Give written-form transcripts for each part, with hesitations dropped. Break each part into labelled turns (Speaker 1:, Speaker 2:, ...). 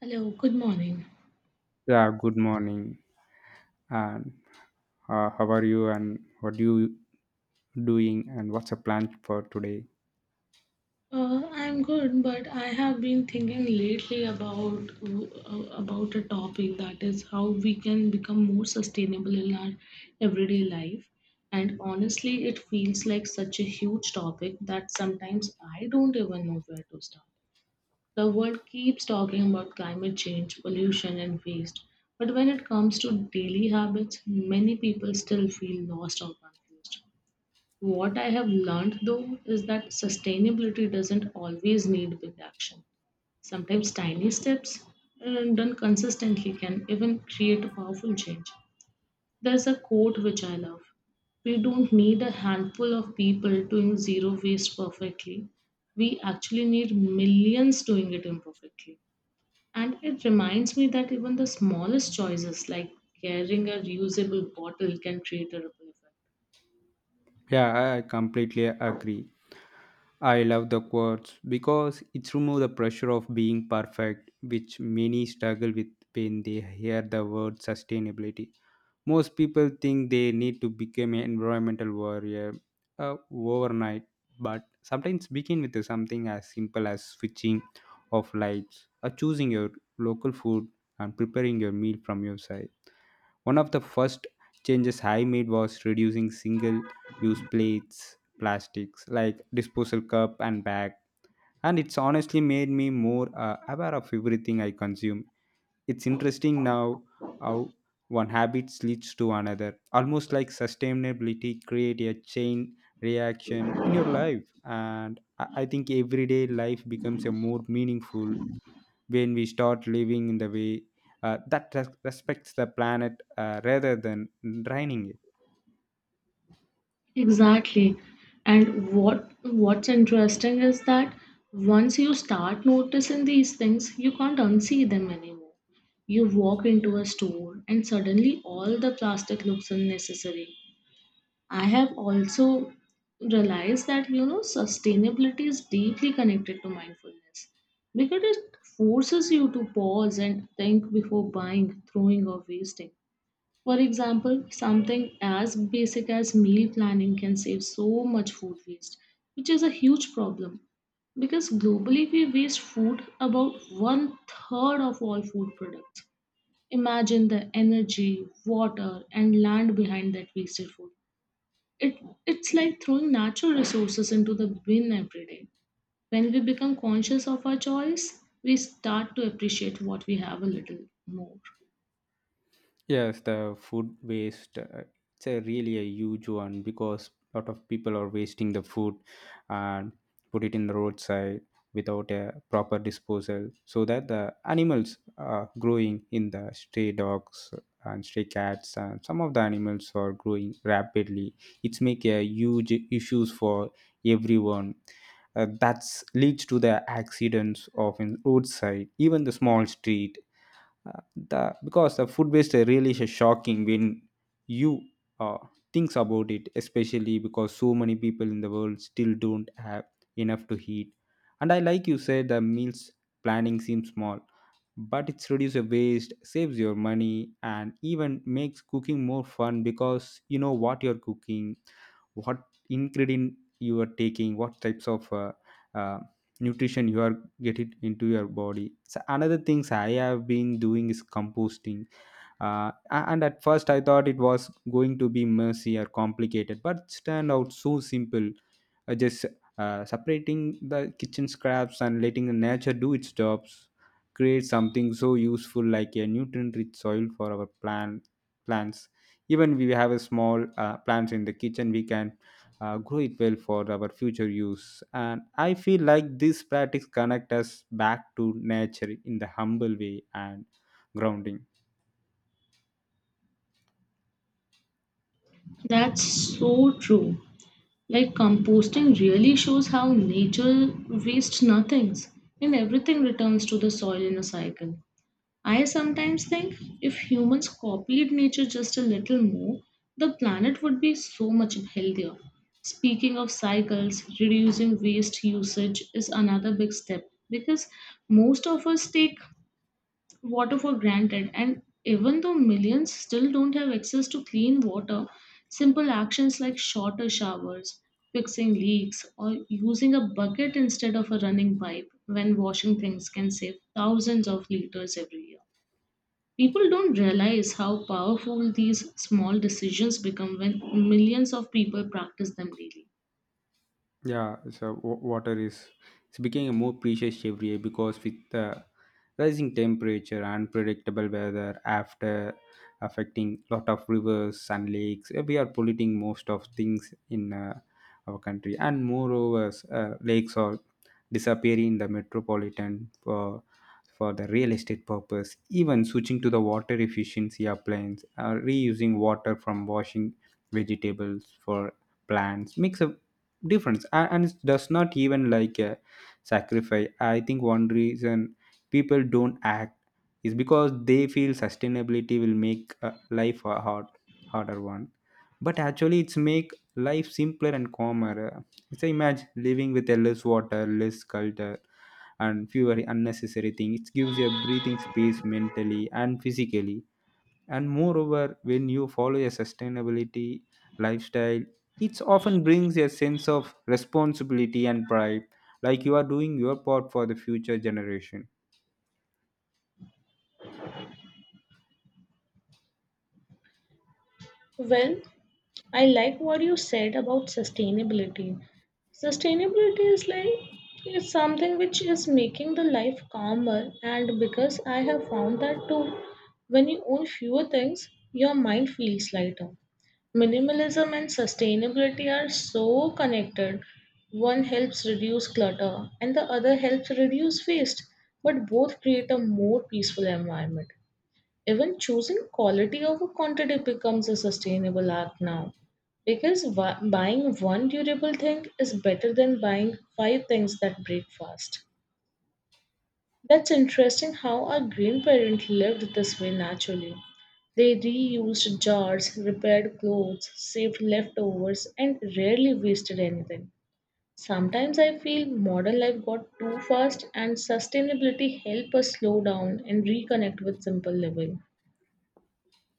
Speaker 1: Hello, good morning.
Speaker 2: Yeah, good morning. And How are you? And what are you doing? And what's the plan for today?
Speaker 1: I'm good, but I have been thinking lately about a topic that is how we can become more sustainable in our everyday life. And honestly, it feels like such a huge topic that sometimes I don't even know where to start. The world keeps talking about climate change, pollution, and waste, but when it comes to daily habits, many people still feel lost or confused. What I have learned though is that sustainability doesn't always need big action. Sometimes tiny steps and done consistently can even create a powerful change. There's a quote which I love. We don't need a handful of people doing zero waste perfectly. We actually need millions doing it imperfectly. And it reminds me that even the smallest choices, like carrying a reusable bottle, can create a ripple effect.
Speaker 2: Yeah, I completely agree. I love the quotes because it's remove the pressure of being perfect, which many struggle with when they hear the word sustainability. Most people think they need to become an environmental warrior overnight, but sometimes begin with something as simple as switching off lights or choosing your local food and preparing your meal from your side. One of the first changes I made was reducing single use plates, plastics like disposal cup and bag, and it's honestly made me more aware of everything I consume. It's interesting now how one habit leads to another, almost like sustainability create a chain reaction in your life. And I think everyday life becomes a more meaningful when we start living in the way that respects the planet, rather than draining it.
Speaker 1: Exactly. And what's interesting is that once you start noticing these things, you can't unsee them anymore. You walk into a store and suddenly all the plastic looks unnecessary. I have also realized that sustainability is deeply connected to mindfulness because it forces you to pause and think before buying, throwing or wasting. For example, something as basic as meal planning can save so much food waste, which is a huge problem because globally we waste food about one third of all food products. Imagine the energy, water, and land behind that wasted food. It, it's like throwing natural resources into the bin every day. When we become conscious of our choice, we start to appreciate what we have a little more.
Speaker 2: Yes, the food waste, it's a really a huge one because a lot of people are wasting the food and put it in the roadside without a proper disposal so that the animals are growing in the stray dogs and stray cats, and some of the animals are growing rapidly. It's make a huge issues for everyone. That's leads to the accidents of in roadside, even the small street, the because the food waste are really is shocking when you uh, thinks about it, especially because so many people in the world still don't have enough to eat. And I like you said the meals planning seems small, but it's reduce the waste, saves your money, and even makes cooking more fun because you know what you're cooking, what ingredient you are taking, what types of uh, nutrition you are getting into your body. So another things I have been doing is composting. And at first I thought it was going to be messy or complicated, but turned out so simple. Just separating the kitchen scraps and letting the nature do its jobs create something so useful like a nutrient rich soil for our plants. Even we have a small plants in the kitchen, we can grow it well for our future use, and I feel like this practice connect us back to nature in the humble way and grounding.
Speaker 1: That's so true. Like composting really shows how nature wastes nothing and everything returns to the soil in a cycle. I sometimes think if humans copied nature just a little more, the planet would be so much healthier. Speaking of cycles, reducing waste usage is another big step because most of us take water for granted and even though millions still don't have access to clean water, simple actions like shorter showers, fixing leaks or using a bucket instead of a running pipe when washing things can save thousands of liters every year. People don't realize how powerful these small decisions become when millions of people practice them daily.
Speaker 2: Yeah, so water is it's becoming more precious every year because with the rising temperature, unpredictable weather, after affecting lot of rivers and lakes, we are polluting most of things in our country. And moreover, lakes are disappearing in the metropolitan for the real estate purpose. Even switching to the water efficiency appliance, reusing water from washing vegetables for plants makes a difference, and it does not even like a sacrifice. I think one reason people don't act is because they feel sustainability will make life a harder one, but actually it's make life simpler and calmer. It's a imagine living with a less water, less culture, and fewer unnecessary things. It gives you a breathing space mentally and physically, and moreover when you follow a sustainability lifestyle, it often brings a sense of responsibility and pride, like you are doing your part for the future generation.
Speaker 1: Well, I like what you said about sustainability. Sustainability is like is something which is making the life calmer, and because I have found that too, when you own fewer things your mind feels lighter. Minimalism and sustainability are so connected. One helps reduce clutter and the other helps reduce waste, but both create a more peaceful environment. Even choosing quality over quantity becomes a sustainable act now because buying one durable thing is better than buying five things that break fast. That's interesting how our grandparents lived this way naturally. They reused jars, repaired clothes, saved leftovers, and rarely wasted anything. Sometimes I feel modern life got too fast, and sustainability help us slow down and reconnect with simple living.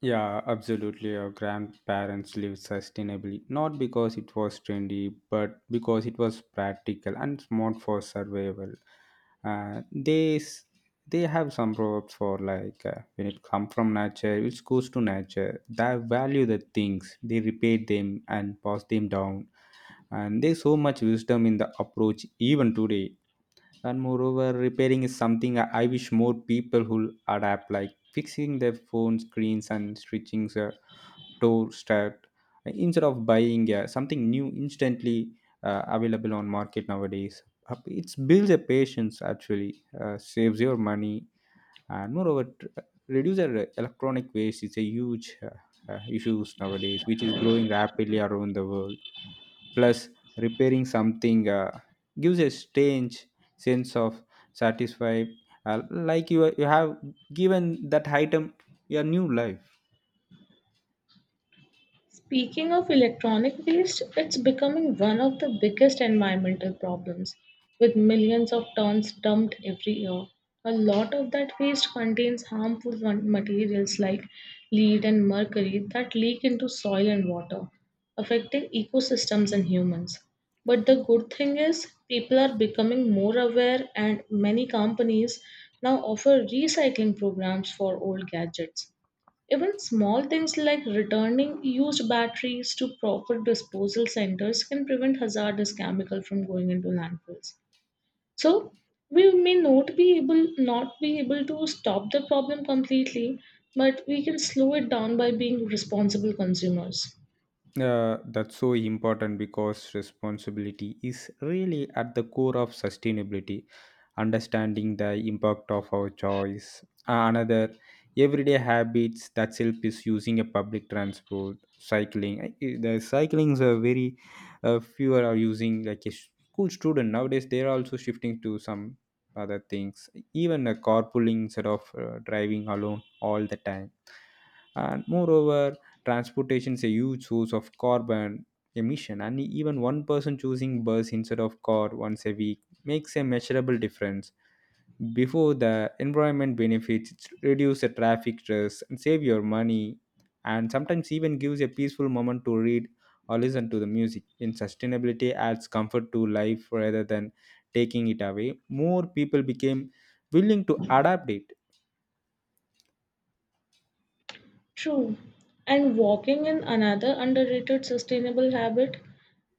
Speaker 2: Yeah, absolutely. Our grandparents lived sustainably, not because it was trendy, but because it was practical and smart for survival. Uh, they s- they have some proverbs for like when it comes from nature, it goes to nature. They value the things, they repair them and pass them down, and there's so much wisdom in the approach even today. And moreover, repairing is something I wish more people who adapt, like fixing their phone screens and stitching a door stat instead of buying something new instantly available on market nowadays. It's builds a patience actually, saves your money, and moreover reduce the electronic waste is a huge issues nowadays which is growing rapidly around the world. Plus, repairing something gives a strange sense of satisfied, like you have given that item a new life.
Speaker 1: Speaking of electronic waste, it's becoming one of the biggest environmental problems. With millions of tons dumped every year, a lot of that waste contains materials like lead and mercury that leak into soil and water, affecting ecosystems and humans. But the good thing is, people are becoming more aware, and many companies now offer recycling programs for old gadgets. Even small things like returning used batteries to proper disposal centers can prevent hazardous chemical from going into landfills. So we may not be able to stop the problem completely, but we can slow it down by being responsible consumers.
Speaker 2: That's so important because responsibility is really at the core of sustainability, understanding the impact of our choice. Another everyday habits that help is using a public transport, cycling. The cyclings are very fewer are using like a school student nowadays. They are also shifting to some other things, even a carpooling instead of driving alone all the time. And moreover, transportation is a huge source of carbon emission, and even one person choosing bus instead of car once a week makes a measurable difference. Before the environment benefits, it's reduce the traffic stress and save your money, and sometimes even gives a peaceful moment to read or listen to the music. In sustainability, adds comfort to life rather than taking it away. More people became willing to adapt it.
Speaker 1: True. And walking in another underrated sustainable habit.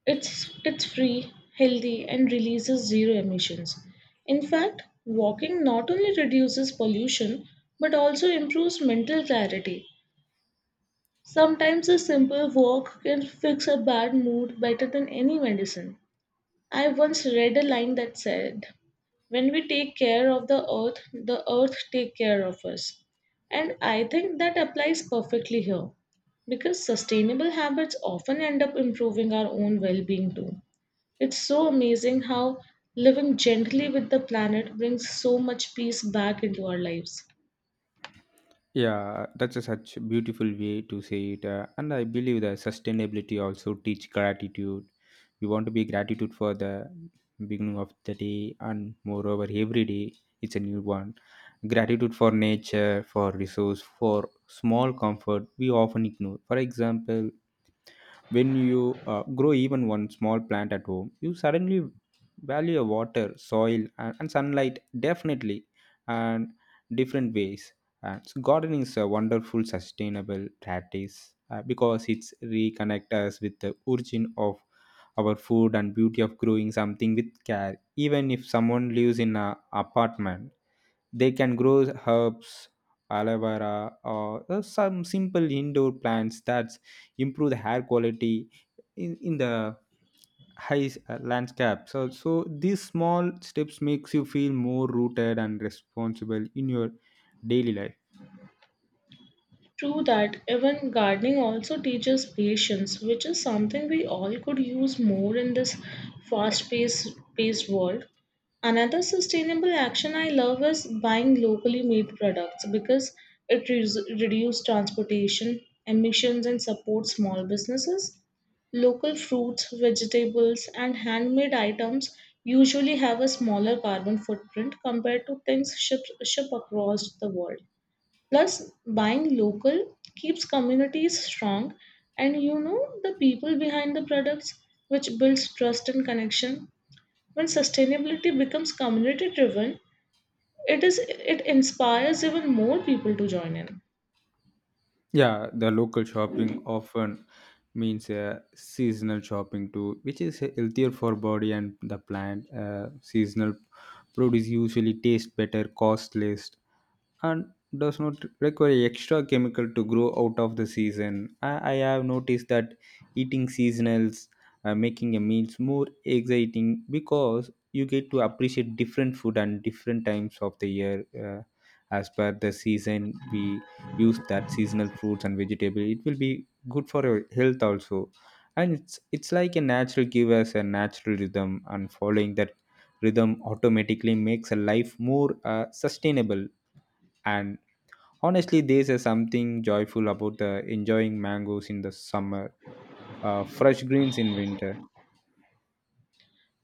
Speaker 1: It's free, healthy, and releases zero emissions. In fact, walking not only reduces pollution but also improves mental clarity. Sometimes a simple walk can fix a bad mood better than any medicine. I once read a line that said, "When we take care of the earth take care of us." And I think that applies perfectly here because sustainable habits often end up improving our own well-being too. It's so amazing how living gently with the planet brings so much peace back into our lives.
Speaker 2: Yeah, that's a such beautiful way to say it. And I believe that sustainability also teach gratitude. We want to be gratitude for the beginning of the day, and moreover every day it's a new one. Gratitude for nature, for resource, for small comfort we often ignore. For example, when you grow even one small plant at home, you suddenly value your water, soil, and sunlight, definitely, and different ways. And so gardening is a wonderful sustainable practice because it's reconnect us with the origin of our food and beauty of growing something with care. Even if someone lives in an apartment, they can grow herbs, aloe vera, or some simple indoor plants that improve the hair quality in the high landscape. So these small steps makes you feel more rooted and responsible in your daily life.
Speaker 1: True that even gardening also teaches patience, which is something we all could use more in this fast paced world. Another sustainable action I love is buying locally made products because it reduces transportation, emissions, and supports small businesses. Local fruits, vegetables, and handmade items usually have a smaller carbon footprint compared to things shipped ship across the world. Plus, buying local keeps communities strong, and you know the people behind the products, which builds trust and connection. When sustainability becomes community driven, it inspires even more people to join in.
Speaker 2: Yeah, the local shopping often means seasonal shopping too, which is healthier for body and the plant. Seasonal produce usually taste better, cost less, and does not require extra chemical to grow out of the season. I have noticed that eating seasonals, making a meals more exciting because you get to appreciate different food and different times of the year. As per the season, we use that seasonal fruits and vegetable. It will be good for your health also, and it's like a natural give us a natural rhythm, and following that rhythm automatically makes a life more sustainable. And honestly, there's a something joyful about enjoying mangoes in the summer, fresh greens in winter.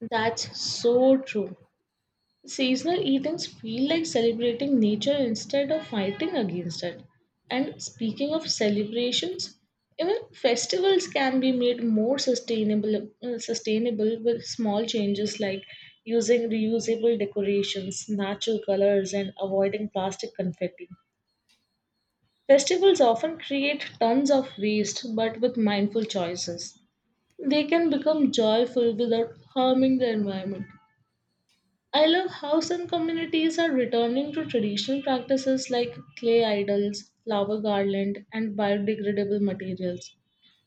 Speaker 1: That's so true. Seasonal eatings feel like celebrating nature instead of fighting against it. And speaking of celebrations, even festivals can be made more sustainable with small changes like using reusable decorations, natural colors and avoiding plastic confetti. Festivals often create tons of waste but with mindful choices. They can become joyful without harming the environment. I love how some communities are returning to traditional practices like clay idols, flower garland, and biodegradable materials.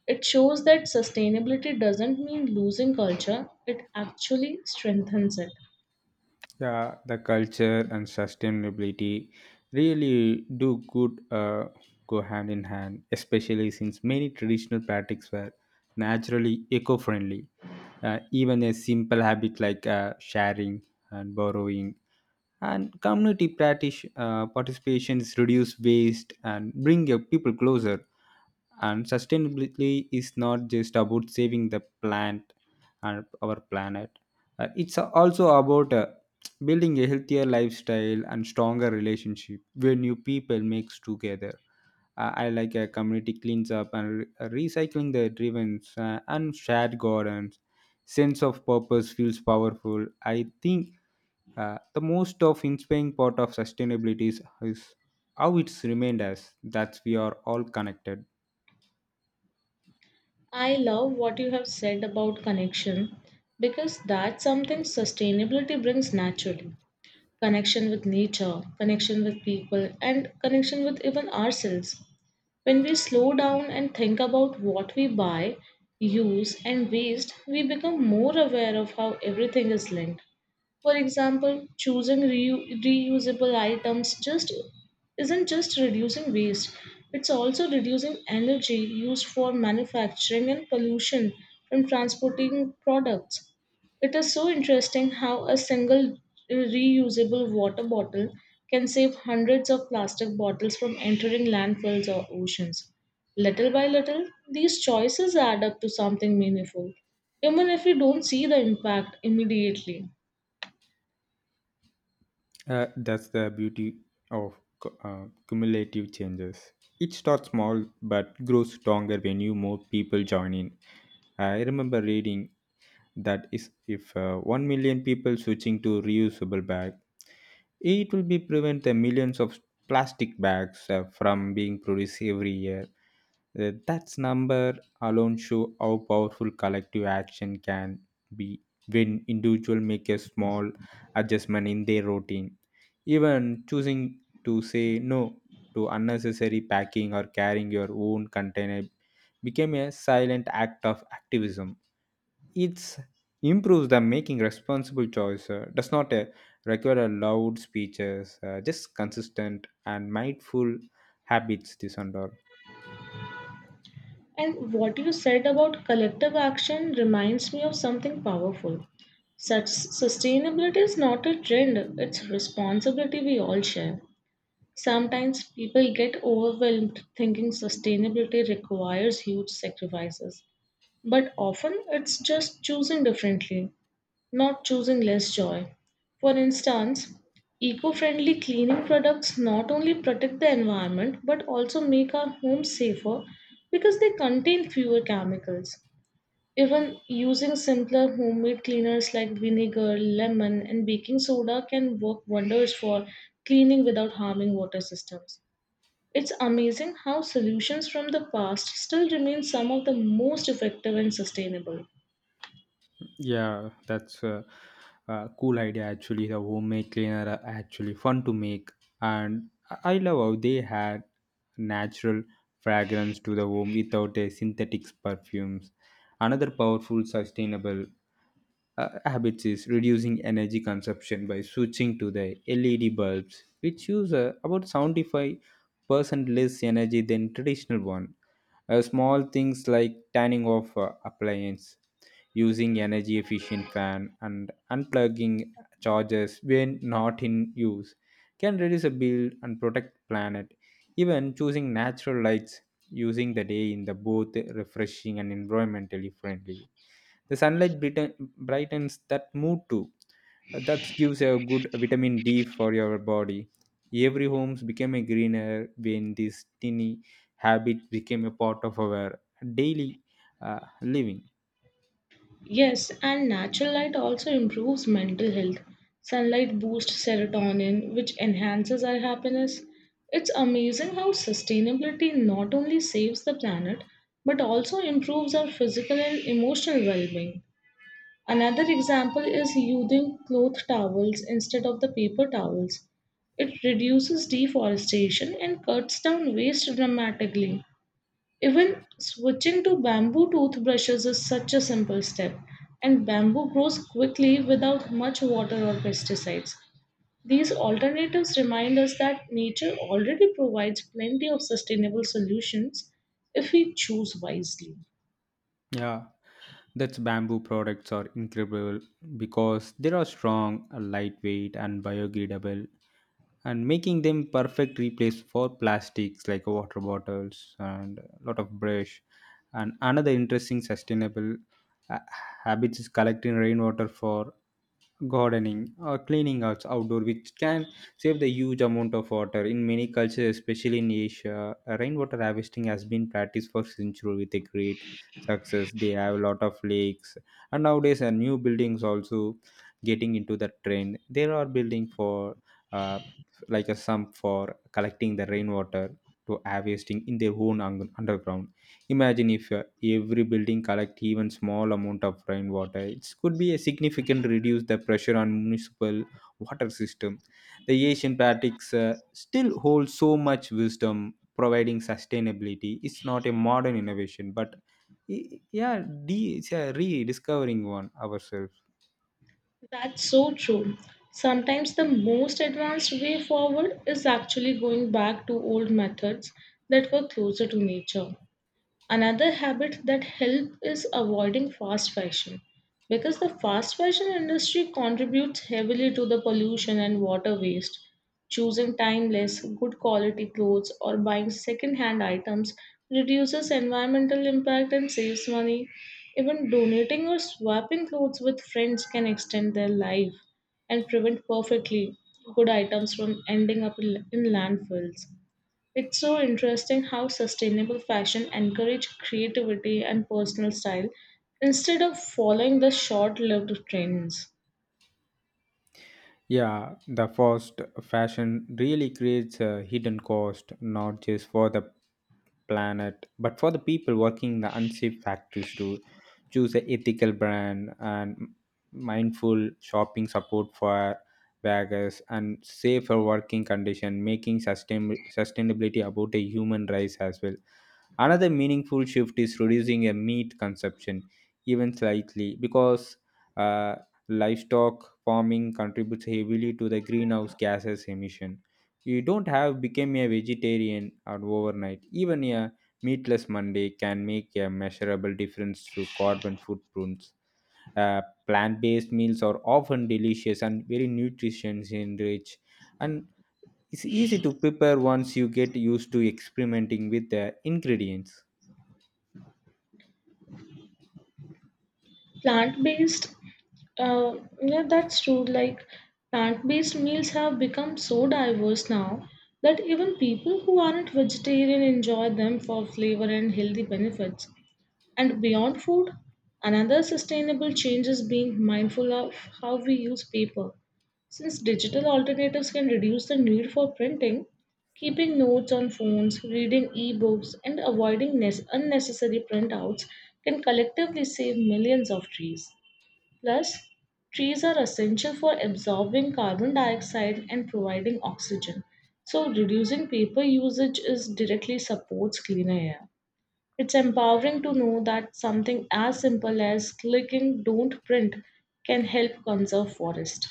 Speaker 1: It shows that sustainability doesn't mean losing culture, it actually strengthens it.
Speaker 2: Yeah, the culture and sustainability really do good go hand in hand, especially since many traditional practices were naturally eco-friendly. Even a simple habit like sharing and borrowing and community practice participations reduce waste and bring your people closer, and sustainability is not just about saving the plant and our planet. It's also about building a healthier lifestyle and stronger relationship when you people mix together. I like a community cleans up and recycling the drivens and shared gardens sense of purpose feels powerful. I think the most of inspiring part of sustainability is how it's remained us that we are all connected.
Speaker 1: I love what you have said about connection because that's something sustainability brings naturally: connection with nature, connection with people, and connection with even ourselves. When we slow down and think about what we buy, use, and waste, we become more aware of how everything is linked. For example, choosing reusable items just isn't just reducing waste, it's also reducing energy used for manufacturing and pollution from transporting products. It is so interesting how a single reusable water bottle can save hundreds of plastic bottles from entering landfills or oceans. Little by little, these choices add up to something meaningful, even if we don't see the impact immediately.
Speaker 2: That's the beauty of cumulative changes. It starts small but grows stronger when you more people join in. I remember reading that is if 1 million people switching to reusable bag, it will be prevent the millions of plastic bags from being produced every year. That's number alone show how powerful collective action can be when individual make a small adjustment in their routine. Even choosing to say no to unnecessary packing or carrying your own container became a silent act of activism. It's improves the making responsible choice does not require a loud speeches, just consistent and mindful habits. This under.
Speaker 1: And what you said about collective action reminds me of something powerful. Such sustainability is not a trend, it's responsibility we all share. Sometimes people get overwhelmed thinking sustainability requires huge sacrifices, but often it's just choosing differently, not choosing less joy. For instance, eco friendly cleaning products not only protect the environment but also make our homes safer because they contain fewer chemicals. Even using simpler homemade cleaners like vinegar, lemon, and baking soda can work wonders for cleaning without harming water systems. It's amazing how solutions from the past still remain some of the most effective and sustainable.
Speaker 2: Yeah, that's a cool idea actually. The homemade cleaner are actually fun to make, and I love how they had natural fragrance to the home without a synthetic perfumes. Another powerful sustainable habits is reducing energy consumption by switching to the LED bulbs, which use about 75% less energy than traditional one. Small things like turning off appliance, using energy efficient fan and unplugging chargers when not in use, can reduce a bill and protect planet. Even choosing natural lights, using the day in the both refreshing and environmentally friendly, the sunlight brightens that mood too. That gives a good vitamin d for your body. Every homes became a greener when this tiny habit became a part of our daily uh, living.
Speaker 1: Yes, and natural light also improves mental health. Sunlight boosts serotonin, which enhances our happiness. It's amazing how sustainability not only saves the planet but also improves our physical and emotional well being. Another example is using cloth towels instead of the paper towels. It reduces deforestation and cuts down waste dramatically. Even switching to bamboo toothbrushes is such a simple step, and bamboo grows quickly without much water or pesticides. These alternatives remind us that nature already provides plenty of sustainable solutions if we choose wisely.
Speaker 2: Yeah, that's bamboo products are incredible because they are strong, lightweight, and biodegradable, and making them perfect replace for plastics like water bottles and a lot of brush. And another interesting sustainable uh, habits is collecting rainwater for gardening or cleaning arts outdoor which can save the huge amount of water in many cultures, especially in asia. Rainwater harvesting has been practiced for centuries with a great success. They have a lot of lakes, and nowadays new buildings also getting into the trend. There are building for uh, like a sump for collecting the rainwater to harvesting in their own underground. Imagine if every building collect even small amount of rainwater. It could be a significant reduce the pressure on municipal water system. The Asian practice still holds so much wisdom, providing sustainability. It's not a modern innovation, but yeah, it's a rediscovering one ourselves.
Speaker 1: That's so true. Sometimes the most advanced way forward is actually going back to old methods that were closer to nature. Another habit that helps is avoiding fast fashion because the fast fashion industry contributes heavily to the pollution and water waste. Choosing timeless, good quality clothes or buying second hand items reduces environmental impact and saves money. Even donating or swapping clothes with friends can extend their life and prevent perfectly good items from ending up in landfills. It's so interesting how sustainable fashion encourages creativity and personal style instead of following the short-lived trends.
Speaker 2: Yeah, the fast fashion really creates a hidden cost, not just for the planet, but for the people working in the unsafe factories to choose an ethical brand and mindful shopping support for beggars and safer working condition, making sustainability about a human rights as well. Another meaningful shift is reducing a meat consumption, even slightly, because uh, livestock farming contributes heavily to the greenhouse gases emission. You don't have become a vegetarian or overnight. Even a meatless Monday can make a measurable difference to carbon footprints. Uh, Plant-based meals are often delicious and very nutrition rich, and it's easy to prepare once you get used to experimenting with the ingredients.
Speaker 1: Plant-based, uh, yeah, that's true. Like plant-based meals have become so diverse now that even people who aren't vegetarian enjoy them for flavor and healthy benefits. And beyond food, another sustainable change is being mindful of how we use paper. Since digital alternatives can reduce the need for printing, keeping notes on phones, reading e-books, and avoiding unnecessary printouts can collectively save millions of trees. Plus, trees are essential for absorbing carbon dioxide and providing oxygen. So, reducing paper usage is directly supports cleaner air. It's empowering to know that something as simple as clicking don't print can help conserve forest.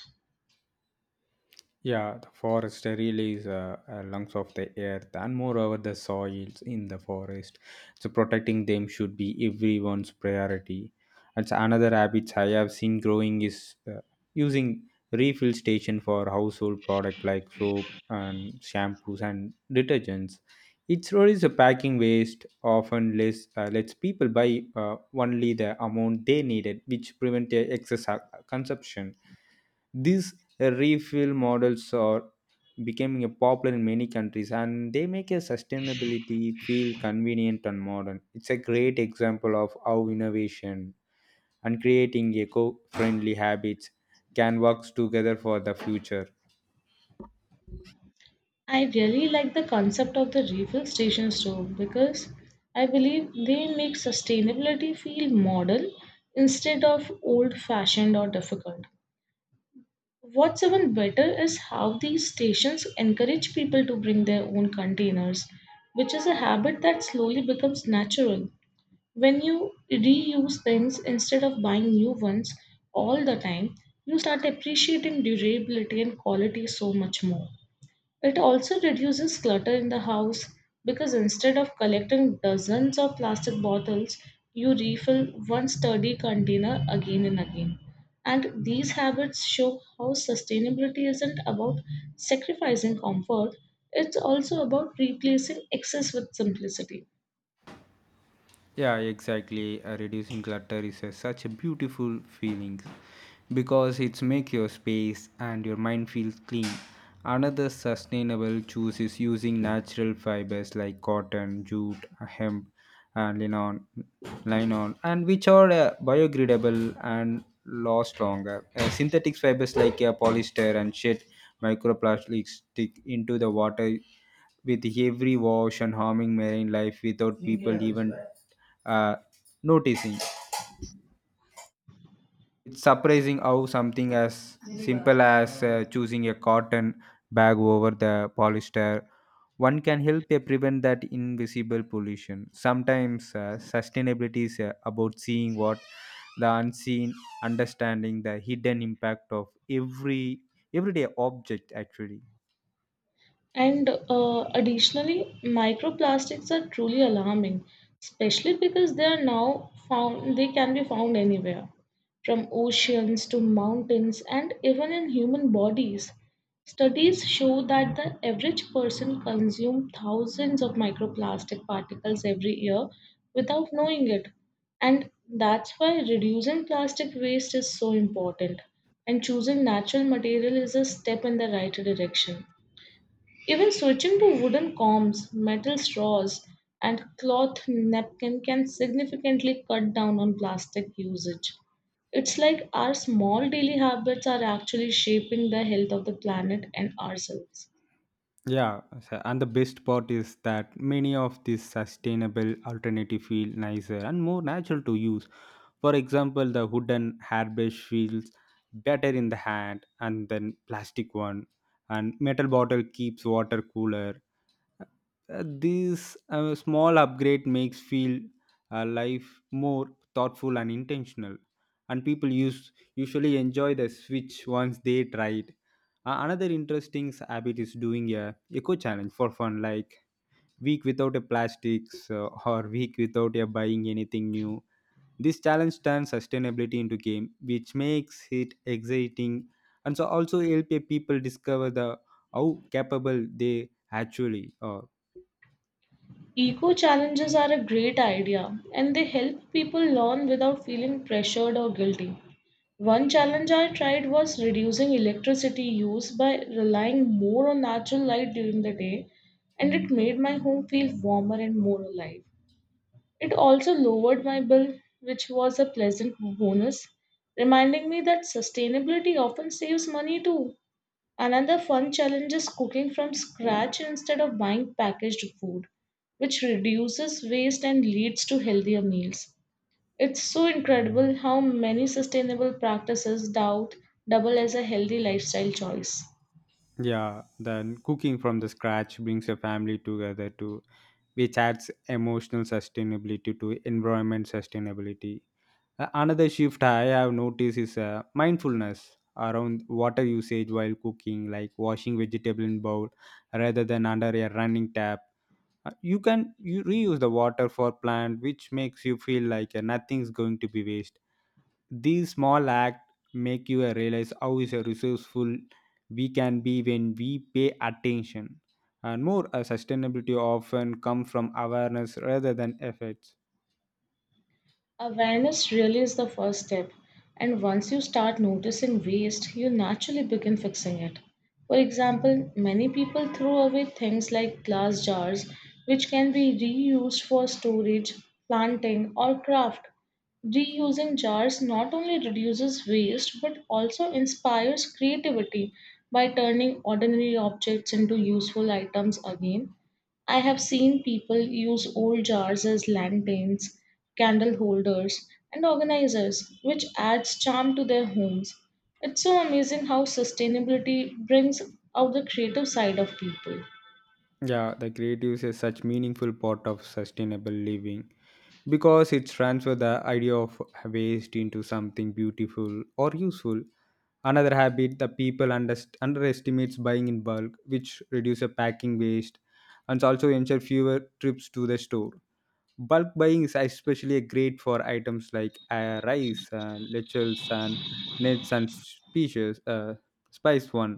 Speaker 2: Yeah, the forest release lungs of the earth, and moreover, the soils in the forest. So, protecting them should be everyone's priority. That's another habit I have seen growing is using refill station for household product like soap and shampoos and detergents. It reduces the packing waste. Often, less lets people buy only the amount they needed, which prevent their excess consumption. These refill models are becoming a popular in many countries, and they make a sustainability feel convenient and modern. It's a great example of how innovation and creating eco friendly habits can work together for the future.
Speaker 1: I really like the concept of the refill stations too because I believe they make sustainability feel modern instead of old fashioned or difficult. What's even better is how these stations encourage people to bring their own containers, which is a habit that slowly becomes natural. When you reuse things instead of buying new ones all the time, you start appreciating durability and quality so much more. It also reduces clutter in the house because instead of collecting dozens of plastic bottles, you refill one sturdy container again and again. And these habits show how sustainability isn't about sacrificing comfort, it's also about replacing excess with simplicity.
Speaker 2: Yeah, exactly. Reducing clutter is a, such a beautiful feeling because it's make your space and your mind feels clean. Another sustainable choice is using natural fibers like cotton, jute, hemp, and linen, and which are biodegradable and last longer. Synthetic fibers like polyester and shed microplastics stick into the water with every wash and harming marine life without people even uh, noticing. It's surprising how something as simple as choosing a cotton bag over the polyester one can help prevent that invisible pollution. Sometimes sustainability is about seeing what the unseen, understanding the hidden impact of everyday object actually.
Speaker 1: And additionally, microplastics are truly alarming, especially because they are now found, they can be found anywhere, from oceans to mountains and even in human bodies. Studies show that the average person consumes thousands of microplastic particles every year without knowing it. And that's why reducing plastic waste is so important, and choosing natural material is a step in the right direction. Even switching to wooden combs, metal straws, and cloth napkin can significantly cut down on plastic usage. It's like our small daily habits are actually shaping the health of the planet and ourselves.
Speaker 2: Yeah, and the best part is that many of these sustainable alternative feel nicer and more natural to use. For example, the wooden hairbrush feels better in the hand and then plastic one, and metal bottle keeps water cooler. uh, this small upgrade makes feel life more thoughtful and intentional, and people use usually enjoy the switch once they try it. Another interesting habit is doing a eco challenge for fun, like week without a plastics or week without a buying anything new. This challenge turns sustainability into game, which makes it exciting, and so also help a people discover the how capable they actually are.
Speaker 1: Eco challenges are a great idea and they help people learn without feeling pressured or guilty. One challenge I tried was reducing electricity use by relying more on natural light during the day, and it made my home feel warmer and more alive. It also lowered my bill, which was a pleasant bonus, reminding me that sustainability often saves money too. Another fun challenge is cooking from scratch instead of buying packaged food, which reduces waste and leads to healthier meals. It's so incredible how many sustainable practices doubt double as a healthy lifestyle choice.
Speaker 2: Yeah, then cooking from the scratch brings a family together too, which adds emotional sustainability to environment sustainability. Another shift I have noticed is mindfulness around water usage while cooking, like washing vegetable in bowl rather than under a running tap. You can you reuse the water for plant, which makes you feel like nothing's going to be waste. These small acts make you realize how is a resourceful we can be when we pay attention. And more sustainability often come from awareness rather than efforts.
Speaker 1: Awareness really is the first step, and once you start noticing waste, you naturally begin fixing it. For example, many people throw away things like glass jars, which can be reused for storage, planting, or craft. Reusing jars not only reduces waste but also inspires creativity by turning ordinary objects into useful items again. I have seen people use old jars as lanterns, candle holders, and organizers, which adds charm to their homes. It's so amazing how sustainability brings out the creative side of people.
Speaker 2: Yeah, the creatives is such meaningful part of sustainable living because it transfer the idea of waste into something beautiful or useful. Another habit the people underestimates buying in bulk, which reduces packing waste and also ensure fewer trips to the store. Bulk buying is especially great for items like rice, lentils, and nuts and species, spice one,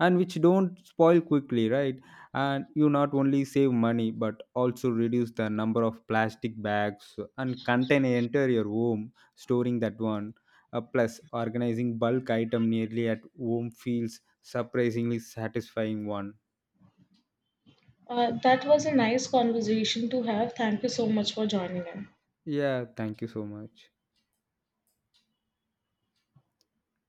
Speaker 2: and which don't spoil quickly, right? And you not only save money but also reduce the number of plastic bags and container enter your home, storing that one. Plus, organizing bulk item nearly at home feels surprisingly satisfying one.
Speaker 1: That was a nice conversation to have. Thank you so much for joining in.
Speaker 2: Yeah, thank you so much.